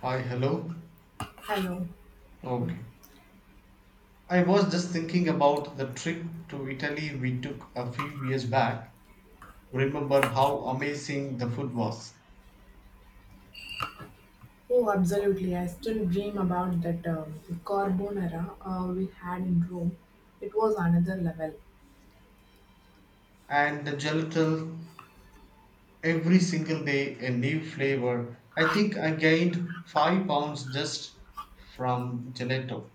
Hi, hello. I know. Okay. I was just thinking about the trip to Italy we took a few years back. Remember how amazing the food was. Oh, absolutely. I still dream about that carbonara we had in Rome. It was another level. And the gelato, every single day a new flavor. I think I gained 5 pounds just from gelato.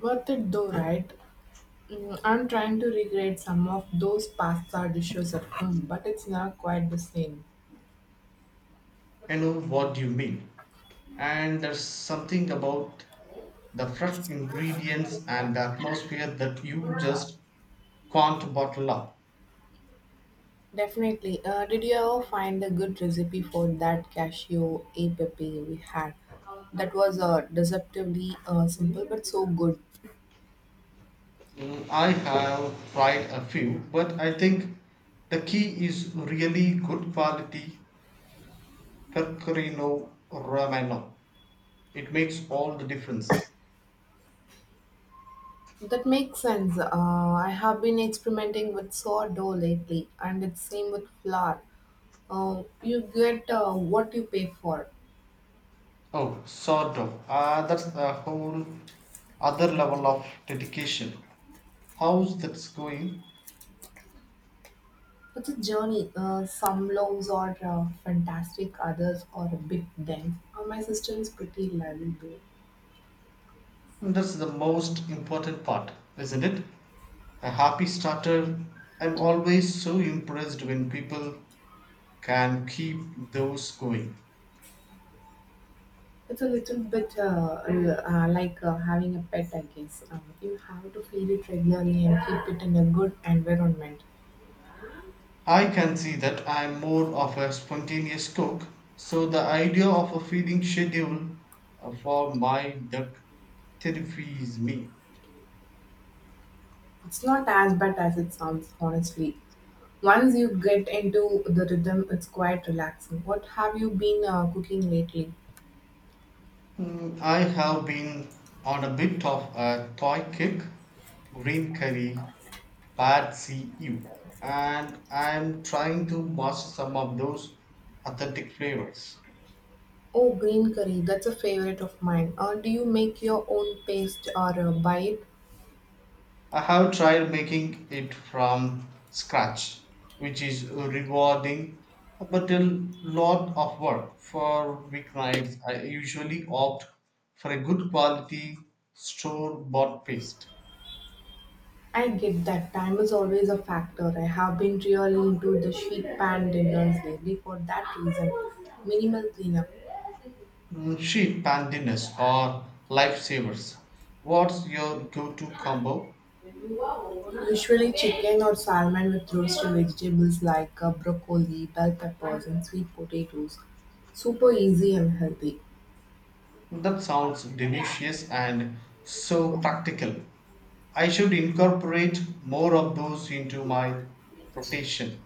Worth it though, right? I'm trying to recreate some of those pasta dishes at home, but it's not quite the same. I know what you mean. And there's something about the fresh ingredients and the atmosphere that you just can't bottle up. Definitely. Did you ever find a good recipe for that cashew a pepe we had? That was deceptively simple but so good. I have tried a few, but I think the key is really good quality Pecorino Romano. It makes all the difference. That makes sense. I have been experimenting with sourdough lately, and it's same with flour. You get what you pay for. Oh, sort of. That's a whole other level of dedication. How's that's going? It's a journey. Some loaves are fantastic, others are a bit dense. My sister is pretty lovely. That's the most important part, isn't it? A happy starter. I'm always so impressed when people can keep those going. It's a little bit like having a pet, I guess. You have to feed it regularly and keep it in a good environment. I can see that I am more of a spontaneous cook, so the idea of a feeding schedule for my duck terrifies me. It's not as bad as it sounds, honestly. Once you get into the rhythm, it's quite relaxing. What have you been cooking lately? I have been on a bit of a toy kick, green curry, bad CU, and I am trying to master some of those authentic flavors. Oh, green curry, that's a favorite of mine. Do you make your own paste or buy it? I have tried making it from scratch, which is rewarding but a lot of work. For weeknights, I usually opt for a good quality store bought paste. I get that time is always a factor. I have been really into the sheet pan dinners lately for that reason. Minimal cleanup. Sheet pandinus or lifesavers. What's your go to combo? Usually chicken or salmon with roasted vegetables like broccoli, bell peppers, and sweet potatoes. Super easy and healthy. That sounds delicious and so practical. I should incorporate more of those into my rotation.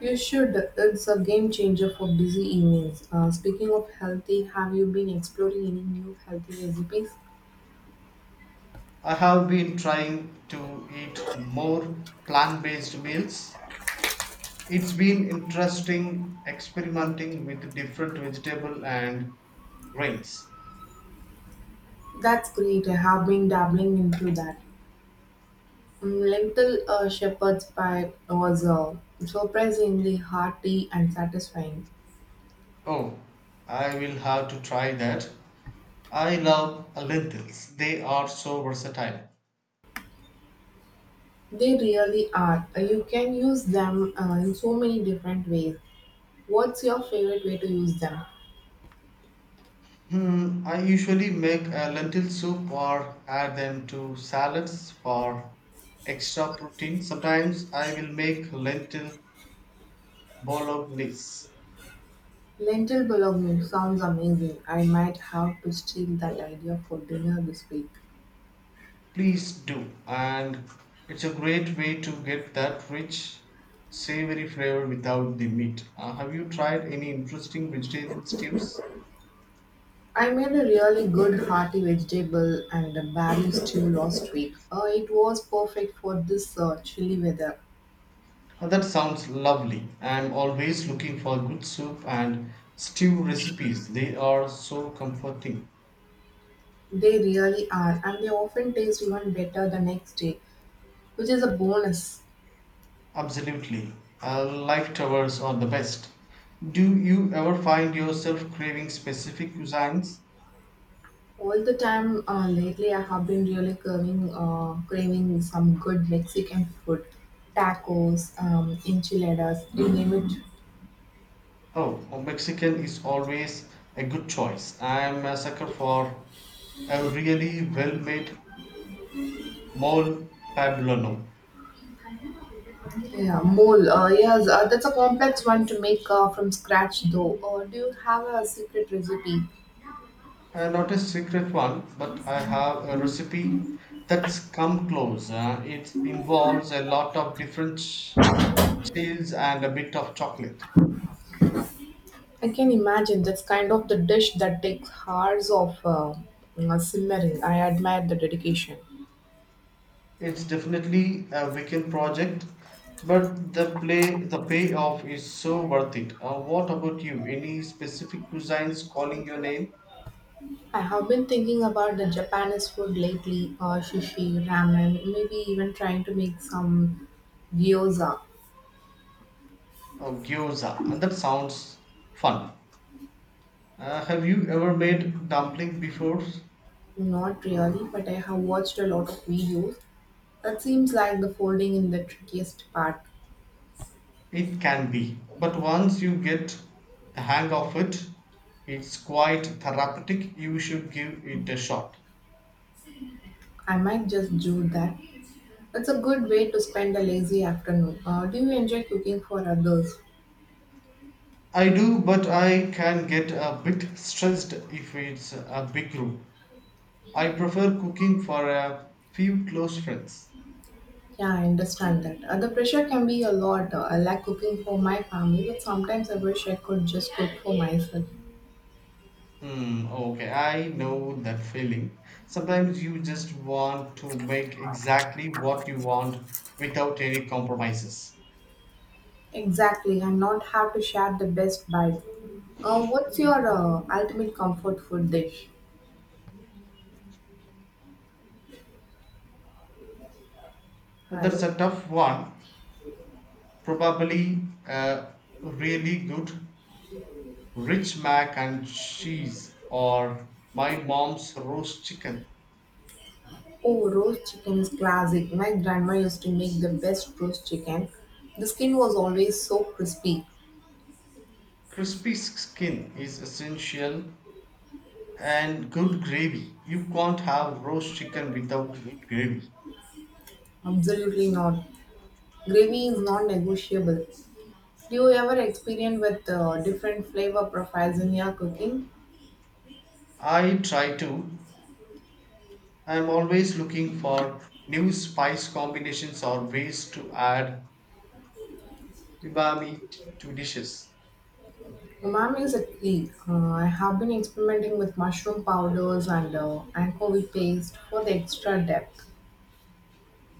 You should. It's a game changer for busy evenings. Speaking of healthy, have you been exploring any new healthy recipes? I have been trying to eat more plant based meals. It's been interesting experimenting with different vegetable and grains. That's great. I have been dabbling into that. Lentil shepherd's pie was surprisingly hearty and satisfying. Oh, I will have to try that. I love lentils. They are so versatile. They really are. You can use them in so many different ways. What's your favorite way to use them? I usually make a lentil soup or add them to salads for extra protein. Sometimes I will make lentil bolognese. Lentil bologna sounds amazing. I might have to steal that idea for dinner this week. Please do. And it's a great way to get that rich, savory flavor without the meat. Have you tried any interesting vegetarian stews? I made a really good hearty vegetable and a berry stew last week. It was perfect for this chilly weather. That sounds lovely. I'm always looking for good soup and stew recipes. They are so comforting. They really are, and they often taste even better the next day, which is a bonus. Absolutely. Life towers are the best. Do you ever find yourself craving specific cuisines? All the time lately, I have been really craving, some good Mexican food tacos, enchiladas, you name it. Oh, oh, Mexican is always a good choice. I'm a sucker for a really well made mole poblano. Yeah, mole. Yes, that's a complex one to make from scratch, though. Do you have a secret recipe? Not a secret one, but I have a recipe that's come close. It involves a lot of different cheese and a bit of chocolate. I can imagine that's kind of the dish that takes hours of simmering. I admire the dedication. It's definitely a weekend project, but the payoff is so worth it. What about you? Any specific cuisines calling your name? I have been thinking about the Japanese food lately, sushi, ramen, maybe even trying to make some gyoza. Oh, gyoza. And that sounds fun. Have you ever made dumpling before? Not really, but I have watched a lot of videos. That seems like the folding in the trickiest part. It can be. But once you get the hang of it, it's quite therapeutic. You should give it a shot. I might just do that. It's a good way to spend a lazy afternoon. Do you enjoy cooking for others? I do, but I can get a bit stressed if it's a big group. I prefer cooking for a few close friends. Yeah, I understand that. The pressure can be a lot. I like cooking for my family, but sometimes I wish I could just cook for myself. Okay, I know that feeling. Sometimes you just want to make exactly what you want without any compromises. Exactly, and not have to share the best bite. What's your ultimate comfort food dish? And that's Hello. a tough one. Probably a really good rich mac and cheese or my mom's roast chicken. Oh, roast chicken is classic. My grandma used to make the best roast chicken. The skin was always so crispy. Crispy skin is essential and good gravy. You can't have roast chicken without good gravy. Absolutely not. Gravy is non-negotiable. Do you ever experiment with different flavor profiles in your cooking? I try to, I'm always looking for new spice combinations or ways to add umami to dishes. Umami is a key. I have been experimenting with mushroom powders and anchovy paste for the extra depth.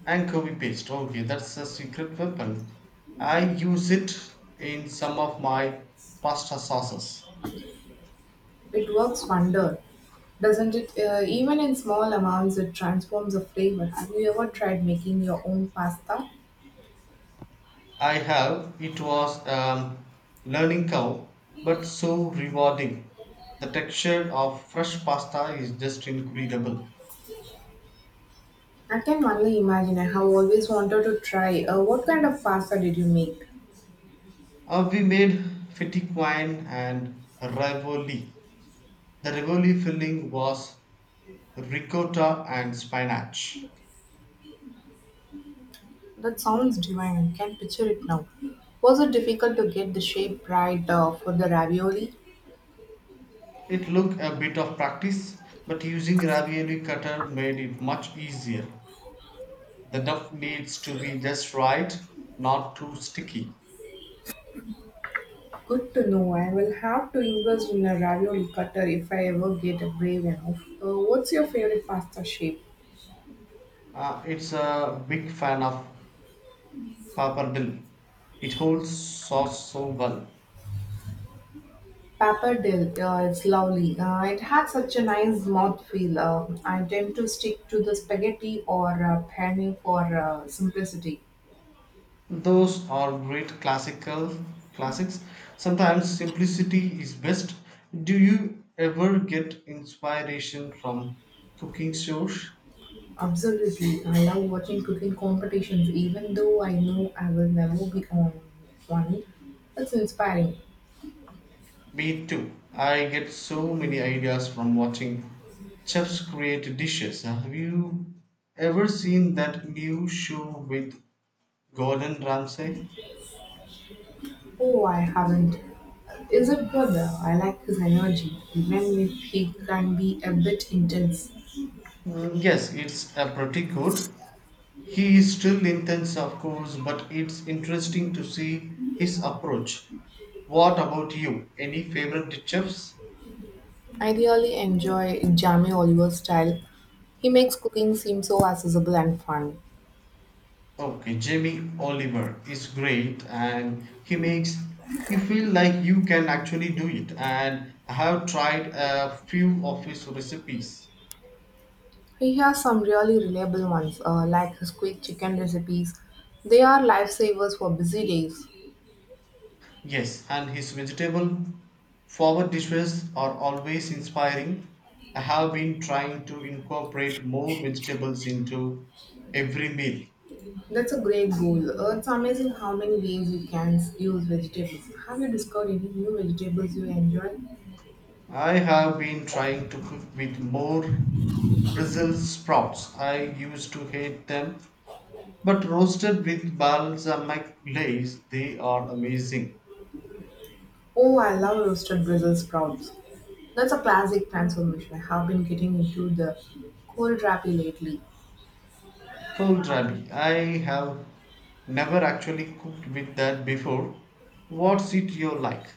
Anchovies paste, okay, that's a secret weapon. I use it in some of my pasta sauces. It works wonder, doesn't it? Even in small amounts, it transforms the flavor. Have you ever tried making your own pasta? I have, it was learning curve, but so rewarding. The texture of fresh pasta is just incredible. I can only imagine. I have always wanted to try. What kind of pasta did you make? We made fettuccine and ravioli. The ravioli filling was ricotta and spinach. That sounds divine. I can picture it now. Was it difficult to get the shape right for the ravioli? It took a bit of practice, but using ravioli cutter made it much easier. The dough needs to be just right, not too sticky. Good to know. I will have to invest in a ravioli cutter if I ever get a brave enough. What's your favorite pasta shape? It's a big fan of pappardelle. It holds sauce so well. Pappardelle, it's lovely. It had such a nice mouth feel. I tend to stick to the spaghetti or penne for simplicity. Those are great classical classics. Sometimes simplicity is best. Do you ever get inspiration from cooking shows? Absolutely. I love watching cooking competitions, even though I know I will never be on one. It's inspiring. Me too. I get so many ideas from watching chefs create dishes. Have you ever seen that new show with Gordon Ramsay? Oh, I haven't. Is it good though? I like his energy, even if he can be a bit intense. Mm, yes, it's a pretty good. He is still intense, of course, but it's interesting to see his approach. What about you? Any favorite chefs? I really enjoy Jamie Oliver's style. He makes cooking seem so accessible and fun. Okay, Jamie Oliver is great and he makes you feel like you can actually do it. And I have tried a few of his recipes. He has some really reliable ones, like his quick chicken recipes. They are lifesavers for busy days. Yes, and his vegetable forward dishes are always inspiring. I have been trying to incorporate more vegetables into every meal. That's a great goal. It's amazing how many ways you can use vegetables. Have you discovered any new vegetables you enjoy? I have been trying to cook with more Brussels sprouts. I used to hate them, but roasted with balsamic glaze, they are amazing. Oh, I love roasted Brussels sprouts. That's a classic transformation. I have been getting into the cold wrappy lately. Kohlrabi, I have never actually cooked with that before. What's it you like?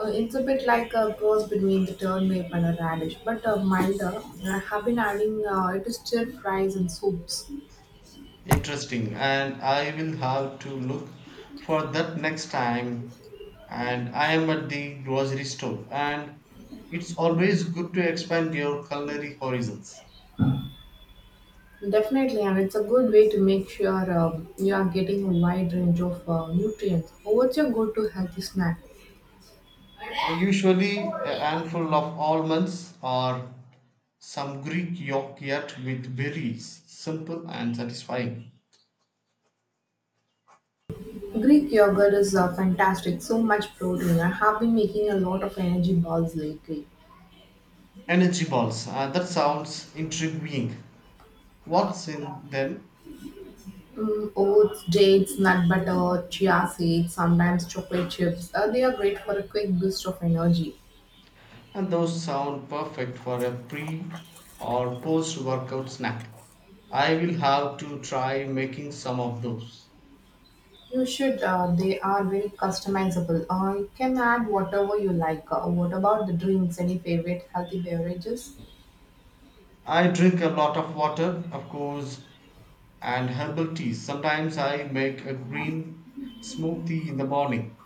It's a bit like a cross between the turnip and a radish, but milder. I have been adding it to stir fries and soups. Interesting, and I will have to look for that next time. And I am at the grocery store, and it's always good to expand your culinary horizons. Definitely, and it's a good way to make sure you are getting a wide range of nutrients. What's your go-to healthy snack? Usually a handful of almonds or some Greek yogurt with berries. Simple and satisfying. Greek yogurt is fantastic, so much protein. I have been making a lot of energy balls lately. Energy balls. That sounds intriguing. What's in them? Oats, dates, nut butter, chia seeds, sometimes chocolate chips. They are great for a quick boost of energy. And those sound perfect for a pre or post workout snack. I will have to try making some of those. You should, they are very customizable. You can add whatever you like. What about the drinks? Any favorite healthy beverages? I drink a lot of water, of course, and herbal teas. Sometimes I make a green smoothie in the morning.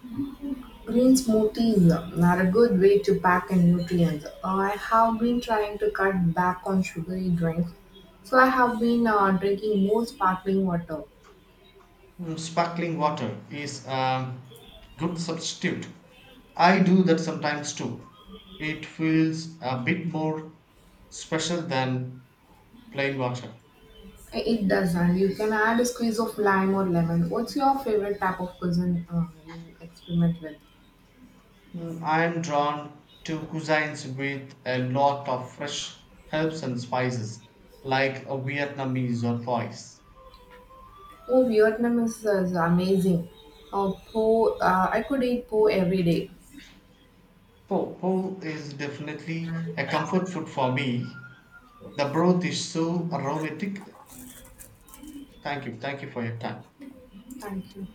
Green smoothies are a good way to pack in nutrients. I have been trying to cut back on sugary drinks, so I have been drinking more sparkling water. Sparkling water is a good substitute. I do that sometimes too. It feels a bit more special than plain water. It doesn't. You can add a squeeze of lime or lemon. What's your favorite type of cuisine you experiment with? I'm drawn to cuisines with a lot of fresh herbs and spices, like a Vietnamese or Thais. Oh, Vietnam is amazing. Po, I could eat po every day. Po is definitely a comfort food for me. The broth is so aromatic. Thank you. Thank you for your time. Thank you.